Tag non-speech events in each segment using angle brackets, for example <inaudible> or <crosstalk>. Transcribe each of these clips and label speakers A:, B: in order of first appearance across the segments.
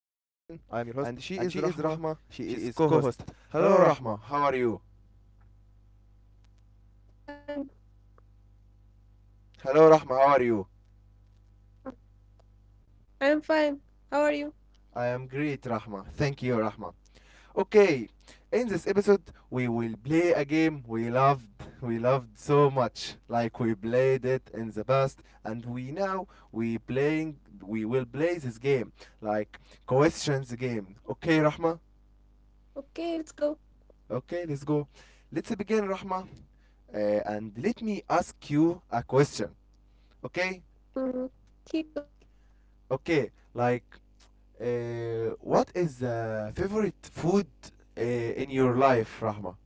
A: I am your host, and she is Rahma, she is co host. Hello, Rahma, how are you?
B: I'm fine.
A: Hello, Rahma, how are you?
B: I'm fine. How are you?
A: I am great, Rahma. Thank you, Rahma. Okay, in this episode, we will play a game we loved. We loved so much, like we played it in the past, and we now we playing. We will play this game, like questions game. Okay, Rahma.
B: Okay, let's go.
A: Okay, let's go. Let's begin, Rahma. And let me ask you a question. Okay?
B: Mhm. Keep going.
A: Okay. Like, what is the favorite food in your life, Rahma?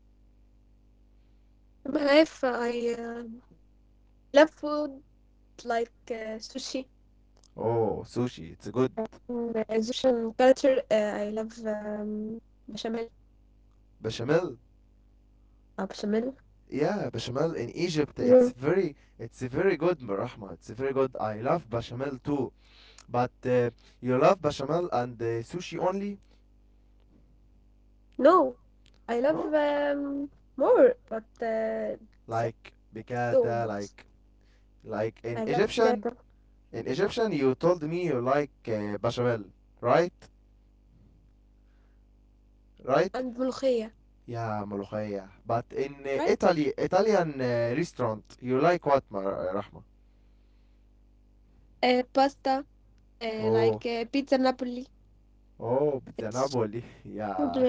B: In my life, I love food like sushi.
A: Oh, sushi. It's a good
B: In Egyptian culture, I love bechamel.
A: bechamel.
B: Bechamel.
A: Yeah, bechamel in Egypt.
B: Yeah.
A: It's a very good, Rahma. It's a very good. I love bechamel too. But you love bechamel and sushi only?
B: No, I love
A: No,
B: um, more, but s-
A: like
B: so
A: bicata,
B: much.
A: like in
B: I love
A: Egyptian.
B: pizza
A: In Egyptian, you told me you like bechamel, right?
B: and bulgogi,
A: right? Yeah,
B: right?
A: ملوخية. But in Italy, Italian restaurant, you like what, Rahma?
B: Pasta, pizza
A: Oh,
B: Napoli. It's
A: oh, pizza
B: so
A: Napoli. <laughs>
B: delicious.
A: Yeah,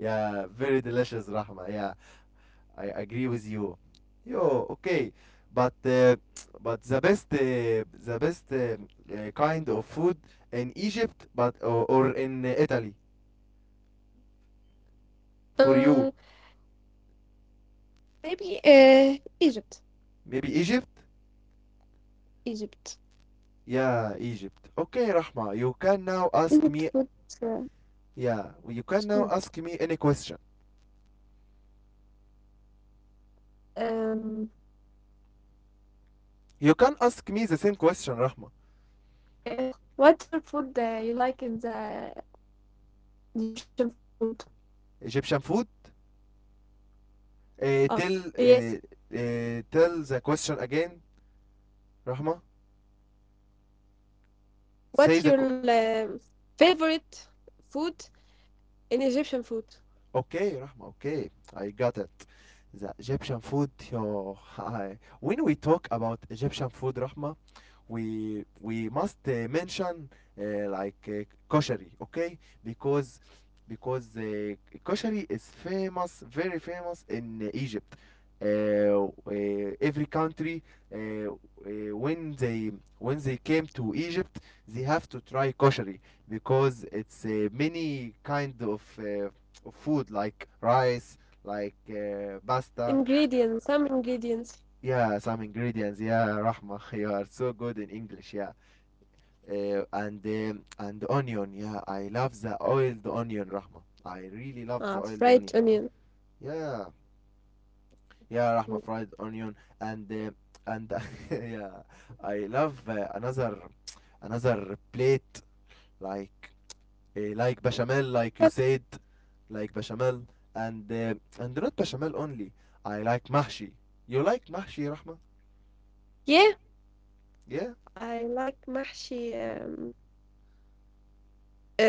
A: yeah, very delicious, Rahma. Yeah, I agree with you. Yo, okay, but the best kind of food in Egypt, but or in Italy
B: Uh,
A: for you,
B: Maybe Egypt.
A: maybe Egypt.
B: Egypt.
A: Yeah, Egypt. Okay, Rahma, you can now
B: Egypt
A: ask
B: good.
A: me.
B: Uh,
A: Yeah,
B: it's
A: you can
B: good.
A: now ask me any question.
B: Um,
A: You can ask me the same question, Rahma.
B: uh, what your food you like in the Egyptian food?
A: Egyptian food. Uh,
B: Oh,
A: tell
B: yes.
A: uh, tell the question again, Rahma. Say the
B: What
A: qu-
B: your favorite food in Egyptian food?
A: okay, Rahma. Okay, I got it. The Egyptian food. Yo, <laughs> when we talk about Egyptian food, Rahma, we must mention like koshery, okay? Because because koshery is famous, very famous in Egypt. Uh, uh, every country when they came to Egypt, they have to try koshery because it's many kind of food like rice, like pasta.
B: Ingredients. Some ingredients.
A: Yeah, some ingredients. Yeah, Rahma, <laughs> you are so good in English. Yeah, and onion. Yeah, I love the oiled onion, Rahma. I really loved the
B: Ah,
A: oiled
B: fried
A: onion.
B: onion.
A: Yeah, yeah, Rahma,
B: Mm.
A: fried onion and uh, and <laughs> yeah, I love another plate like like bechamel, like you
B: But
A: said, like bechamel and uh, and not bechamel only. I like mahshi. You like mahshi, Rahma?
B: yeah,
A: Yeah,
B: I like mahshi.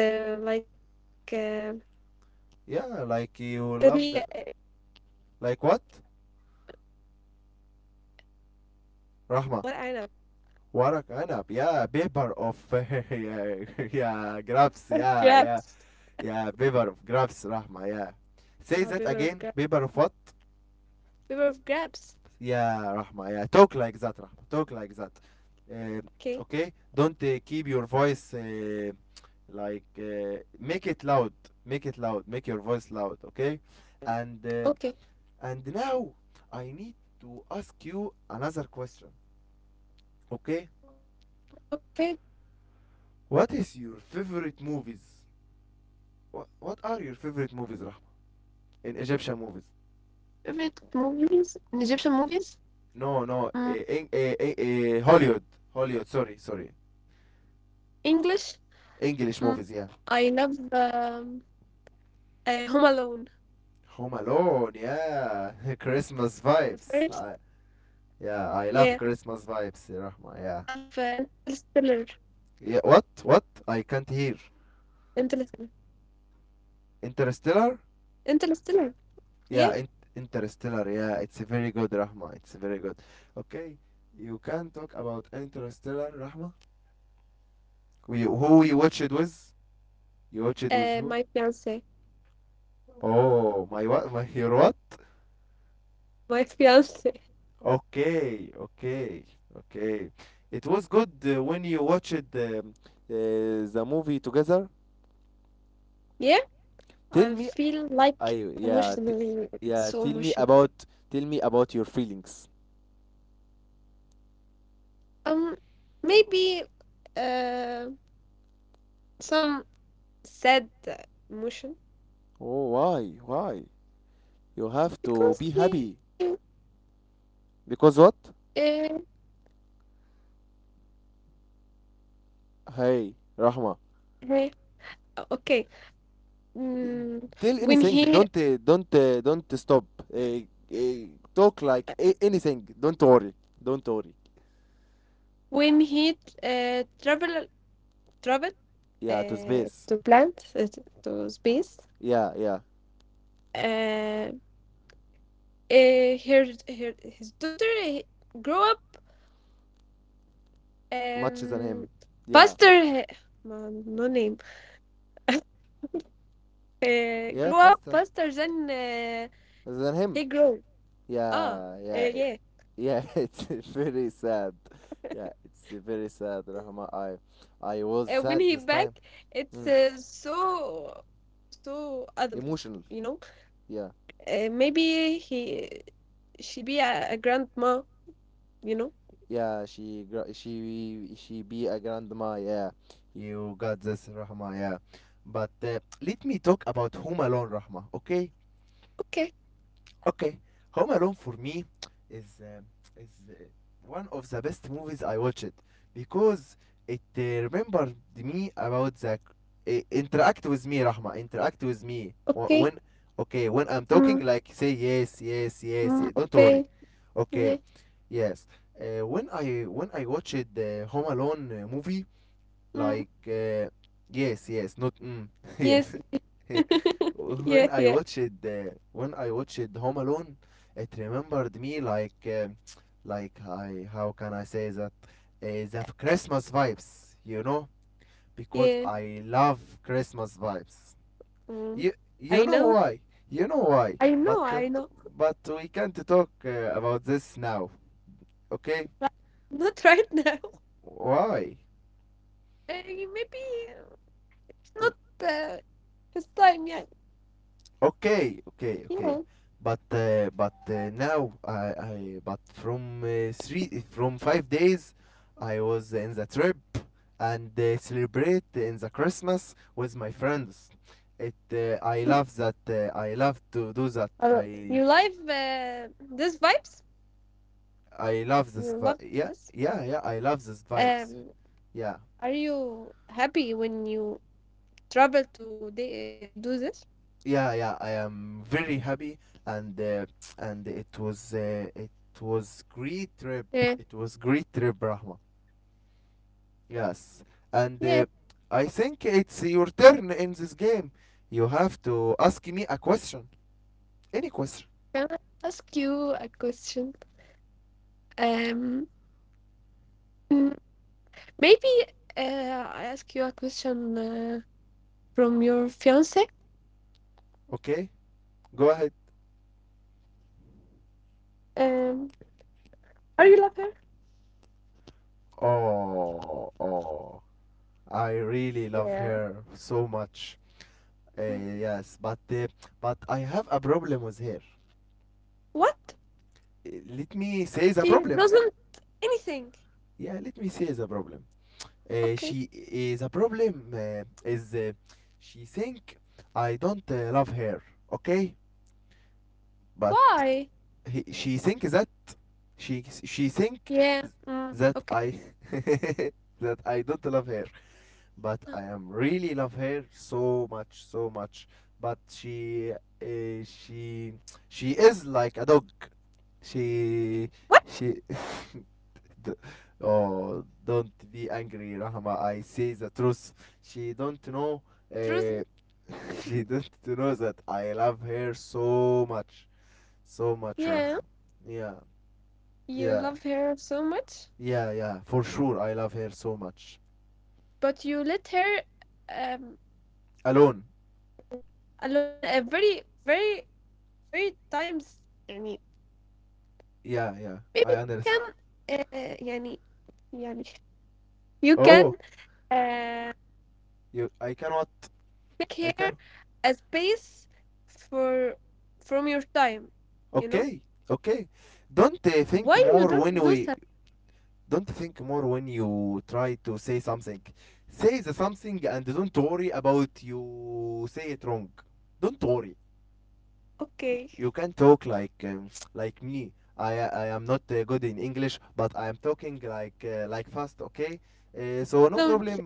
B: Like
A: yeah, like you love
B: he
A: the, like what, Rahma?
B: What I know.
A: ورق عنب, yeah, paper of, yeah, yeah, <laughs> grapes,
B: <laughs>
A: yeah, yeah,
B: Grabs.
A: yeah, paper of grapes, Rahma, yeah. Say
B: Ah,
A: that
B: paper
A: again,
B: of grabs.
A: paper of what?
B: Paper of grabs.
A: Yeah, Rahma, yeah, talk like that, Rahma, talk like that. uh,
B: Okay,
A: okay, don't keep your voice make it loud, make it loud, make your voice loud. Okay, and uh,
B: okay,
A: and now I need to ask you another question. Okay?
B: okay.
A: What is your favorite movies What, what are your favorite movies, Rahma? In Egyptian
B: Favorite
A: movies?
B: movies? Egyptian movies? Mm,
A: No, no. Hollywood. Sorry, sorry.
B: English? Mm,
A: English movies. Yeah.
B: I love Home Alone,
A: Home Alone. Yeah. <laughs> Christmas
B: the first.
A: vibes. Yeah, I
B: Yeah,
A: love Christmas
B: and
A: vibes,
B: I
A: Rahma.
B: love
A: Yeah.
B: Interstellar.
A: Yeah. What? I can't hear.
B: Interstellar.
A: Interstellar.
B: Interstellar. Yeah,
A: Yeah. Interstellar. Yeah. It's very good, Rahma. It's very good. Okay. You can talk about Interstellar, Rahma. Who you watched it with? You watched it with who?
B: my fiance.
A: Oh, my what? My your what?
B: My <laughs> fiance.
A: Okay, okay, okay. It was good when you watched the movie together.
B: Yeah,
A: Tell
B: I
A: me,
B: feel
A: I,
B: like
A: yeah,
B: emotionally
A: yeah.
B: so emotional.
A: Tell me about your feelings.
B: Um, maybe uh, some sad emotion
A: Oh, why, why? You have to
B: because
A: be
B: he.
A: happy because what?
B: uh,
A: Hey, Rahma,
B: Hey, okay.
A: d-
B: Mm,
A: tell
B: when
A: anything.
B: he
A: Don't stop. Uh, uh, Talk like anything. Don't worry. Don't worry.
B: when he uh, travel traveled
A: Yeah, to
B: uh,
A: space.
B: to plant uh, to space,
A: Yeah, yeah.
B: uh, uh, her, her his daughter grew up
A: Much than him.
B: um
A: Yeah.
B: faster. No no name.
A: Yeah,
B: Grew
A: first.
B: up faster than
A: Than him.
B: he grew.
A: Yeah,
B: Ah,
A: yeah,
B: yeah.
A: yeah. <laughs> It's very sad. Yeah, it's very sad, Rahma. I was
B: When
A: sad
B: he
A: this
B: back,
A: time.
B: it's
A: Mm.
B: so so adult,
A: Emotional.
B: you know,
A: Yeah,
B: maybe he she be a grandma, you know?
A: yeah. She be a grandma. Yeah, you got this, Rahma. Yeah, but let me talk about Home Alone, Rahma. Okay,
B: Okay,
A: Okay, Home Alone for me is uh, is one of the best movies I watched because it remembered me about the interact with me, Rahma. Interact with me.
B: okay,
A: When, okay, when I'm
B: mm,
A: talking, like, say yes, yes, yes,
B: mm,
A: yes. Don't worry.
B: okay, yeah,
A: Okay, yes. When I watched the Home Alone movie,
B: mm,
A: like yes, yes, not mm, <laughs> yes,
B: yes,
A: yeah,
B: <laughs> yeah,
A: when I
B: yeah,
A: watched uh, when I watched Home Alone, it remembered me, like <tsk> like, I, how can I say that, the Christmas vibes, because
B: yeah.
A: I love Christmas vibes.
B: Mm.
A: You you
B: I
A: know
B: know,
A: why? You know why?
B: I
A: But
B: know, I know.
A: but we can't talk about this now, okay?
B: But not right now. <laughs>
A: Why?
B: Eh, maybe uh, it's not uh, his time yet.
A: Okay, okay, okay.
B: Yeah.
A: But now I but from three from 5 days, I was in the trip and celebrate in the Christmas with my friends. It I
B: Mm.
A: love that I love to do that.
B: Uh, you love this vibes?
A: I love this
B: You
A: vi-
B: love
A: Yeah,
B: this?
A: yeah, yeah, I love this vibes.
B: Um,
A: Yeah,
B: are you happy when you travel to to do this?
A: yeah, yeah, I am very happy, and uh, and it was, great trip. It was great trip Brahma. Yes, and
B: Yeah.
A: uh, I think it's your turn in this game. You have to ask me a question, any question.
B: Can I ask you a question? Um, mm, Maybe I ask you a question from your fiance.
A: Okay, go ahead.
B: Um, are you love her?
A: Oh, I really love
B: Yeah.
A: her so much.
B: Mm.
A: Uh, yes, but but I have a problem with her.
B: What?
A: Let me say the
B: She
A: problem.
B: doesn't anything.
A: Yeah, let me say the problem.
B: Okay.
A: She is a problem. Is She think I don't love her? Okay, but
B: Why?
A: she think that. She think
B: Yeah. Mm,
A: that
B: okay.
A: I, <laughs> that I don't love her, but
B: Uh,
A: I am really love her so much, so much. But uh, she she is like a dog. She
B: what?
A: she. <laughs> d- oh, don't be angry, Rahma. I say the truth. She don't know.
B: Truth.
A: Uh, <laughs> she don't know that I love her so much, so much.
B: Yeah.
A: Rah. Yeah,
B: You
A: yeah.
B: love her so much,
A: Yeah, yeah, for sure. I love her so much.
B: but you let her um
A: Alone.
B: alone, very very times.
A: Yeah, yeah.
B: Maybe
A: I
B: you can,
A: understand.
B: يعني يعني you
A: Oh,
B: can uh,
A: you. I cannot.
B: make here
A: I can.
B: a space for from your time, you know
A: Okay, okay. Don't
B: why
A: think
B: you
A: more
B: don't
A: when
B: do
A: we.
B: that?
A: Don't think more when you try to say something. Say the something and don't worry about you say it wrong. Don't worry.
B: Okay,
A: You can talk like <tsk> like me. I am not good in English, but I am talking like like fast. Okay. So no
B: don't you?
A: problem.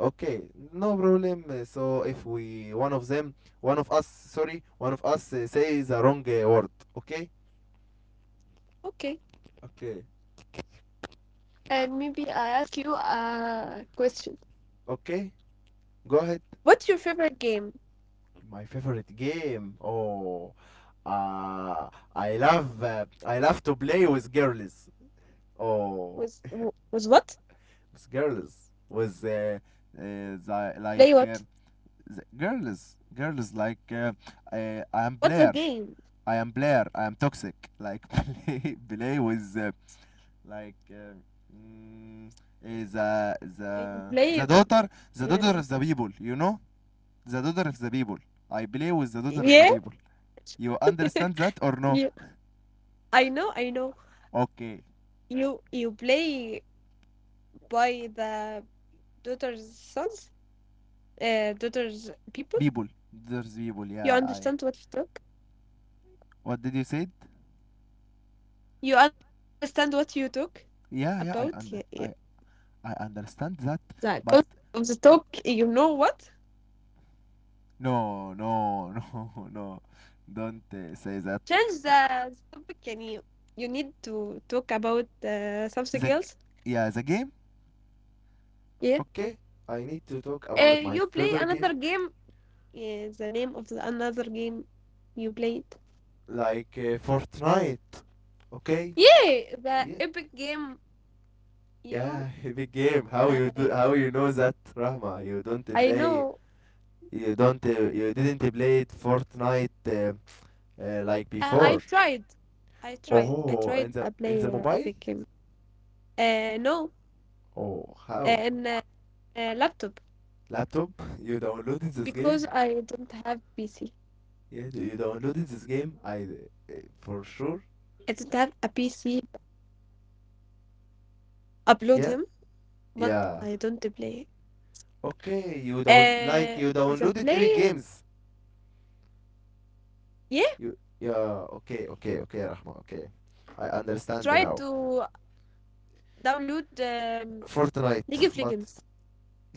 A: Okay, no problem. So if we one of them, one of us, sorry, one of us say the wrong word, okay?
B: Okay,
A: Okay.
B: and maybe I ask you a question.
A: Okay, go ahead.
B: What's your favorite game?
A: My favorite game. Oh, uh, I love to play with girls. Oh,
B: Was w- was what
A: with girls, with the,
B: Play
A: like
B: what?
A: the girls, girls like I am
B: What's the
A: Blair.
B: game?
A: I am Blair. I am toxic. Like <laughs> play with like uh, mm, eh, the
B: And
A: the the
B: play,
A: daughter
B: um,
A: of the people. The daughter of the people. I play with the daughter of the
B: yeah,
A: people. You understand that
B: <laughs>
A: or
B: yeah,
A: no?
B: I know, I know.
A: Okay,
B: You play by the daughter's sons, daughter's people.
A: people, there's people, yeah.
B: You
A: I,
B: understand what you talk.
A: what did you say?
B: You understand what you talk
A: Yeah,
B: about.
A: yeah,
B: Yeah,
A: I
B: yeah.
A: under I I understand that.
B: The concept
A: But
B: of the talk. You know what?
A: no, no, <laughs> no, no, don't say that.
B: Change the topic. يعني you need to talk about something
A: The
B: else.
A: Yeah, the game.
B: Yeah.
A: Okay, I need to talk about my
B: You play
A: favorite game,
B: another game. Yeah, the name of the another game you played.
A: like Fortnite. Okay.
B: Yeah, the
A: Ye-
B: epic game. You know.
A: Yeah, <laughs> big game. How you do,
B: The,
A: how you know that, Rahma? You don't
B: I
A: play,
B: know.
A: you didn't play Fortnite like
B: Uh,
A: before.
B: I tried. I
A: Oh,
B: tried. I
A: in
B: play
A: the mobile?
B: epic game. No,
A: Oh, how?
B: in a laptop
A: Laptop? <laughs> You downloaded this
B: because
A: game?
B: I don't have PC.
A: Yeah, do you downloaded this game? I
B: I don't have a
A: for
B: PC
A: sure.
B: upload him, but
A: Yeah,
B: I don't play.
A: yeah. Okay, you
B: Uh,
A: down
B: the
A: like you
B: play,
A: downloaded Epic Games.
B: yeah,
A: You, yeah. Okay, okay, okay, Rahma. Okay, I understand
B: Try
A: now.
B: to download
A: Fortnite,
B: League of
A: but
B: Legends,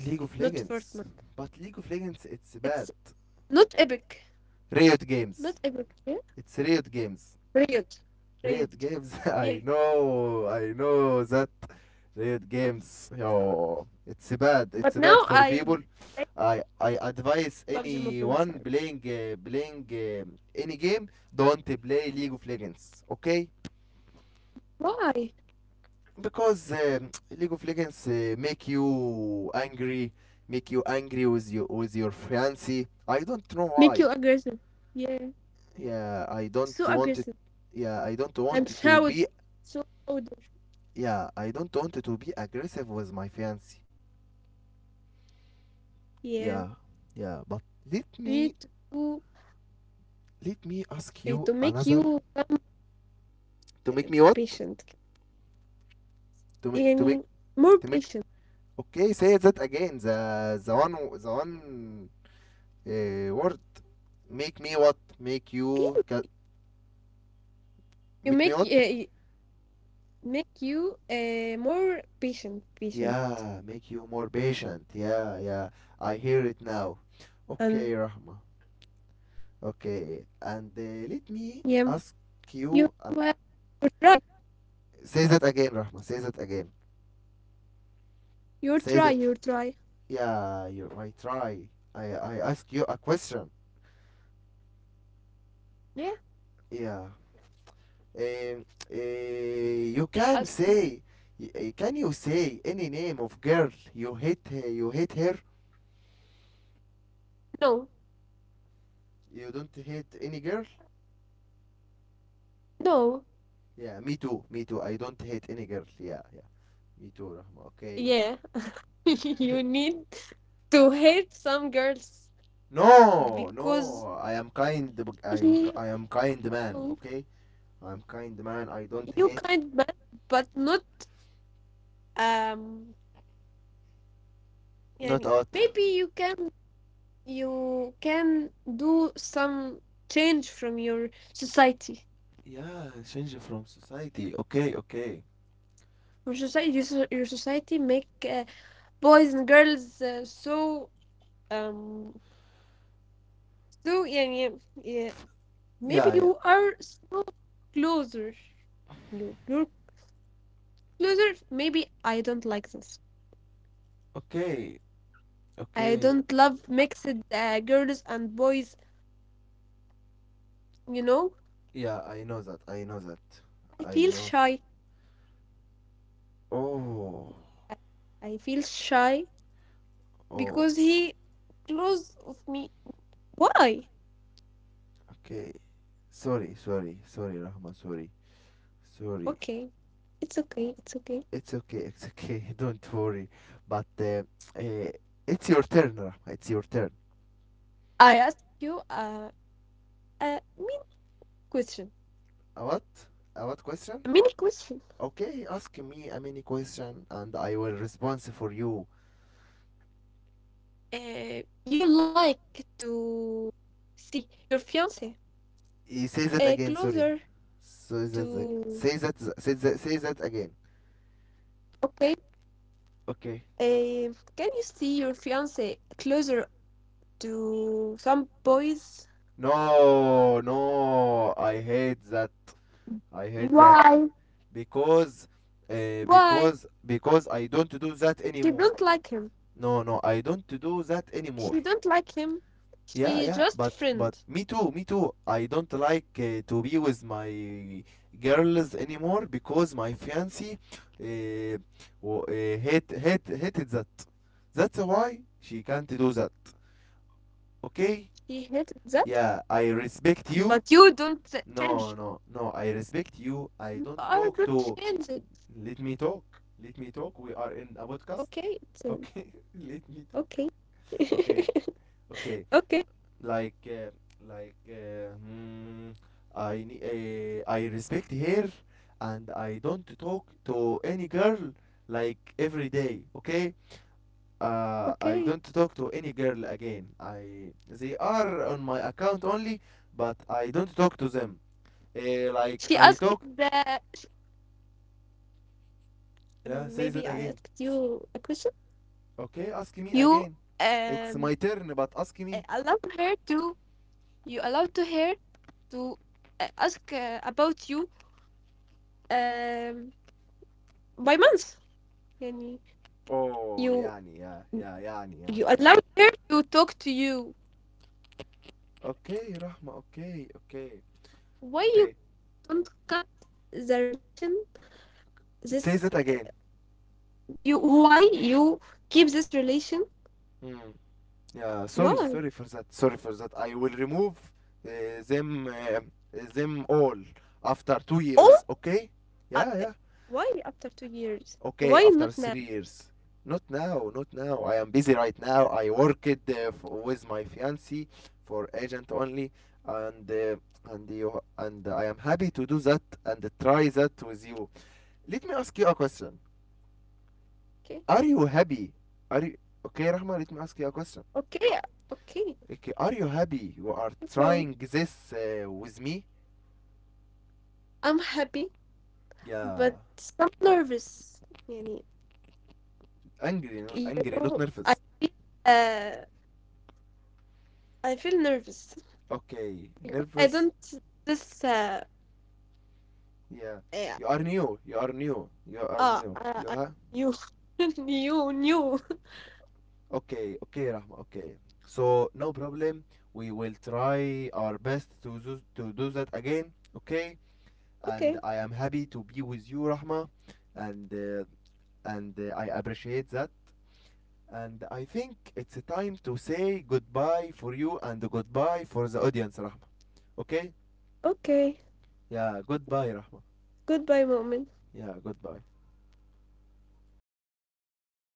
A: League of
B: not
A: Legends.
B: Fortnite.
A: But League of Legends, it's bad.
B: It's not Epic,
A: Riot Games.
B: not Epic, yeah,
A: It's Riot Games.
B: Riot,
A: Riot
B: Riot,
A: Games. <laughs>
B: yeah.
A: I know. I know that. Riot Games. Yo, it's bad.
B: But
A: It's bad
B: now
A: for
B: I
A: people.
B: play
A: I advise
B: PUBG Mobile. Sorry.
A: anyone playing any game, don't play League of Legends. Okay?
B: Why?
A: Because
B: <laughs> <clears throat>
A: <tsk> League of Legends make you angry with your fiancé. I don't know
B: Make
A: why.
B: you aggressive, yeah,
A: Yeah, I don't
B: so
A: want it.
B: aggressive,
A: Yeah, I don't
B: and
A: want it to
B: shout
A: be.
B: so loud.
A: Yeah, I don't want it to be aggressive with my fiancé.
B: Yeah,
A: Yeah, yeah. But let
B: we
A: me
B: to
A: ask you
B: to make
A: another,
B: you some
A: to make me what?
B: patient,
A: To make to
B: يعني
A: make
B: more
A: to make.
B: patient.
A: Okay, say that again. The one word. Make me what?
B: Okay, you
A: Make me
B: make
A: what?
B: make you more patient, patient,
A: Yeah, make you more patient. Yeah, yeah. I hear it now.
B: and
A: Okay, Rahma. Okay, and
B: yeah,
A: let me ask
B: you uh,
A: you.
B: you try,
A: Say that again, Rahma. Say that again. Say that.
B: you try.
A: Yeah, you might try. I ask you a question.
B: Yeah,
A: Yeah. Um, you can
B: ask
A: say.
B: me.
A: Can you say any name of girl you hate? You hate her.
B: No,
A: You don't hate any girl.
B: no.
A: Yeah, me too. Me too. I don't hate any girl. Yeah, yeah. Me too, Rahma. Okay.
B: Yeah, <laughs> you need to hate some girls
A: No,
B: because
A: no. I am kind. b- I am,
B: he
A: I am kind man.
B: you
A: Okay. I'm kind man. I don't hate.
B: kind man, but not um.
A: Not
B: يعني
A: out.
B: maybe you can. You can do some change from your society.
A: Yeah, change from society. Okay, okay.
B: Your society make boys and girls um so yeah, yeah, yeah, maybe
A: Yeah, yeah.
B: you are so closer, you're so closer, maybe I don't like this.
A: Okay,
B: I
A: okay.
B: don't love mixed girls and boys, you know,
A: Yeah, I know that. I know that.
B: I
A: I
B: feel
A: know.
B: shy.
A: Oh,
B: I, I feel shy
A: Oh,
B: because he close of me, why?
A: okay. Sorry, sorry, sorry, Rahma. Sorry, sorry.
B: Okay, it's okay, it's okay.
A: It's okay. It's okay. <laughs> Don't worry. But uh, it's your turn, Rahma. It's your turn.
B: I ask you a mini question.
A: A what? A what question?
B: A mini question.
A: Okay, ask me a mini question, and I will respond for you.
B: You like to see your fiance
A: Say that again, sorry.
B: closer
A: Say that,
B: to.
A: say that, say that again.
B: Okay.
A: Okay.
B: Can you see your fiance closer to some boys?
A: No, no, I hate that. I hate that
B: Why?
A: because,
B: Why?
A: because I don't do that
B: She
A: anymore.
B: don't like him.
A: No, no, I don't do that anymore.
B: She don't like him.
A: Yeah,
B: She
A: yeah,
B: just
A: but
B: friend.
A: me too, me too. I don't like to be with my girls anymore, because my fiancée uh, hated that. That's why she can't do that.
B: She hated that.
A: Okay? Yeah, I
B: But you
A: respect
B: don't
A: you.
B: change.
A: No, no, no. I respect you.
B: You
A: I don't
B: are gonna
A: talk to.
B: change it.
A: Let me talk. Let me talk. We are in a podcast.
B: Okay, it's um,
A: Okay. <laughs> Let me talk.
B: okay.
A: Okay.
B: <laughs>
A: Okay.
B: Okay,
A: like uh, like, I respect her, and I don't talk to any girl like every day. Okay, I
B: okay.
A: don't talk to any girl again. I They are on my account only, but I don't talk to them like
B: She
A: I
B: asked
A: talk.
B: that sh- Maybe I asked
A: Yeah, say
B: you
A: that
B: a
A: again.
B: question.
A: S-
B: You
A: okay, ask me again.
B: um
A: It's my turn,
B: uh,
A: but ask
B: allowed to
A: me.
B: her to you allowed to her to ask about you, um by month. Yani
A: Oh,
B: you
A: يعني, yeah, yeah, يعني,
B: you
A: yeah.
B: allowed her to talk to you.
A: Okay, Rahma. Okay, okay,
B: Why you
A: okay.
B: don't cut the relation?
A: It says
B: This
A: it again.
B: you Why you keep this relation?
A: Mm. Yeah, sorry,
B: Why?
A: sorry for that. Sorry for that. I will remove uh, them uh, them all after two
B: Oh,
A: years. Okay?
B: uh, uh,
A: Yeah, yeah.
B: why after 2 years?
A: Okay,
B: Why not
A: after
B: now?
A: 3 years. Not now, not now. I am busy right now. I worked with my fiancée for agent only, and and you, and I am happy to do that and try that with you. Let me ask you a question.
B: Okay,
A: Are you happy? Are you okay, Rahma? Let me ask you a question.
B: okay, okay.
A: Okay, are you happy you are
B: So
A: trying this with me?
B: I'm happy,
A: Yeah,
B: but some nervous. يعني, you
A: angry, not
B: know,
A: nervous.
B: uh, I feel nervous.
A: Okay,
B: I
A: nervous.
B: don't this.
A: Yeah,
B: Yeah.
A: you are new. You are new. You are
B: Ah,
A: new.
B: uh,
A: You
B: I,
A: ha
B: you <laughs> you knew.
A: Okay, okay, Rahma. Okay. So no problem. We will try our best to do that again. Okay, and
B: Okay,
A: I am happy to be with you, Rahma, and uh, and I appreciate that. And I think it's a time to say goodbye for you and goodbye for the audience, Rahma. Okay?
B: okay.
A: Yeah, goodbye, Rahma.
B: Goodbye, moment.
A: Yeah, goodbye.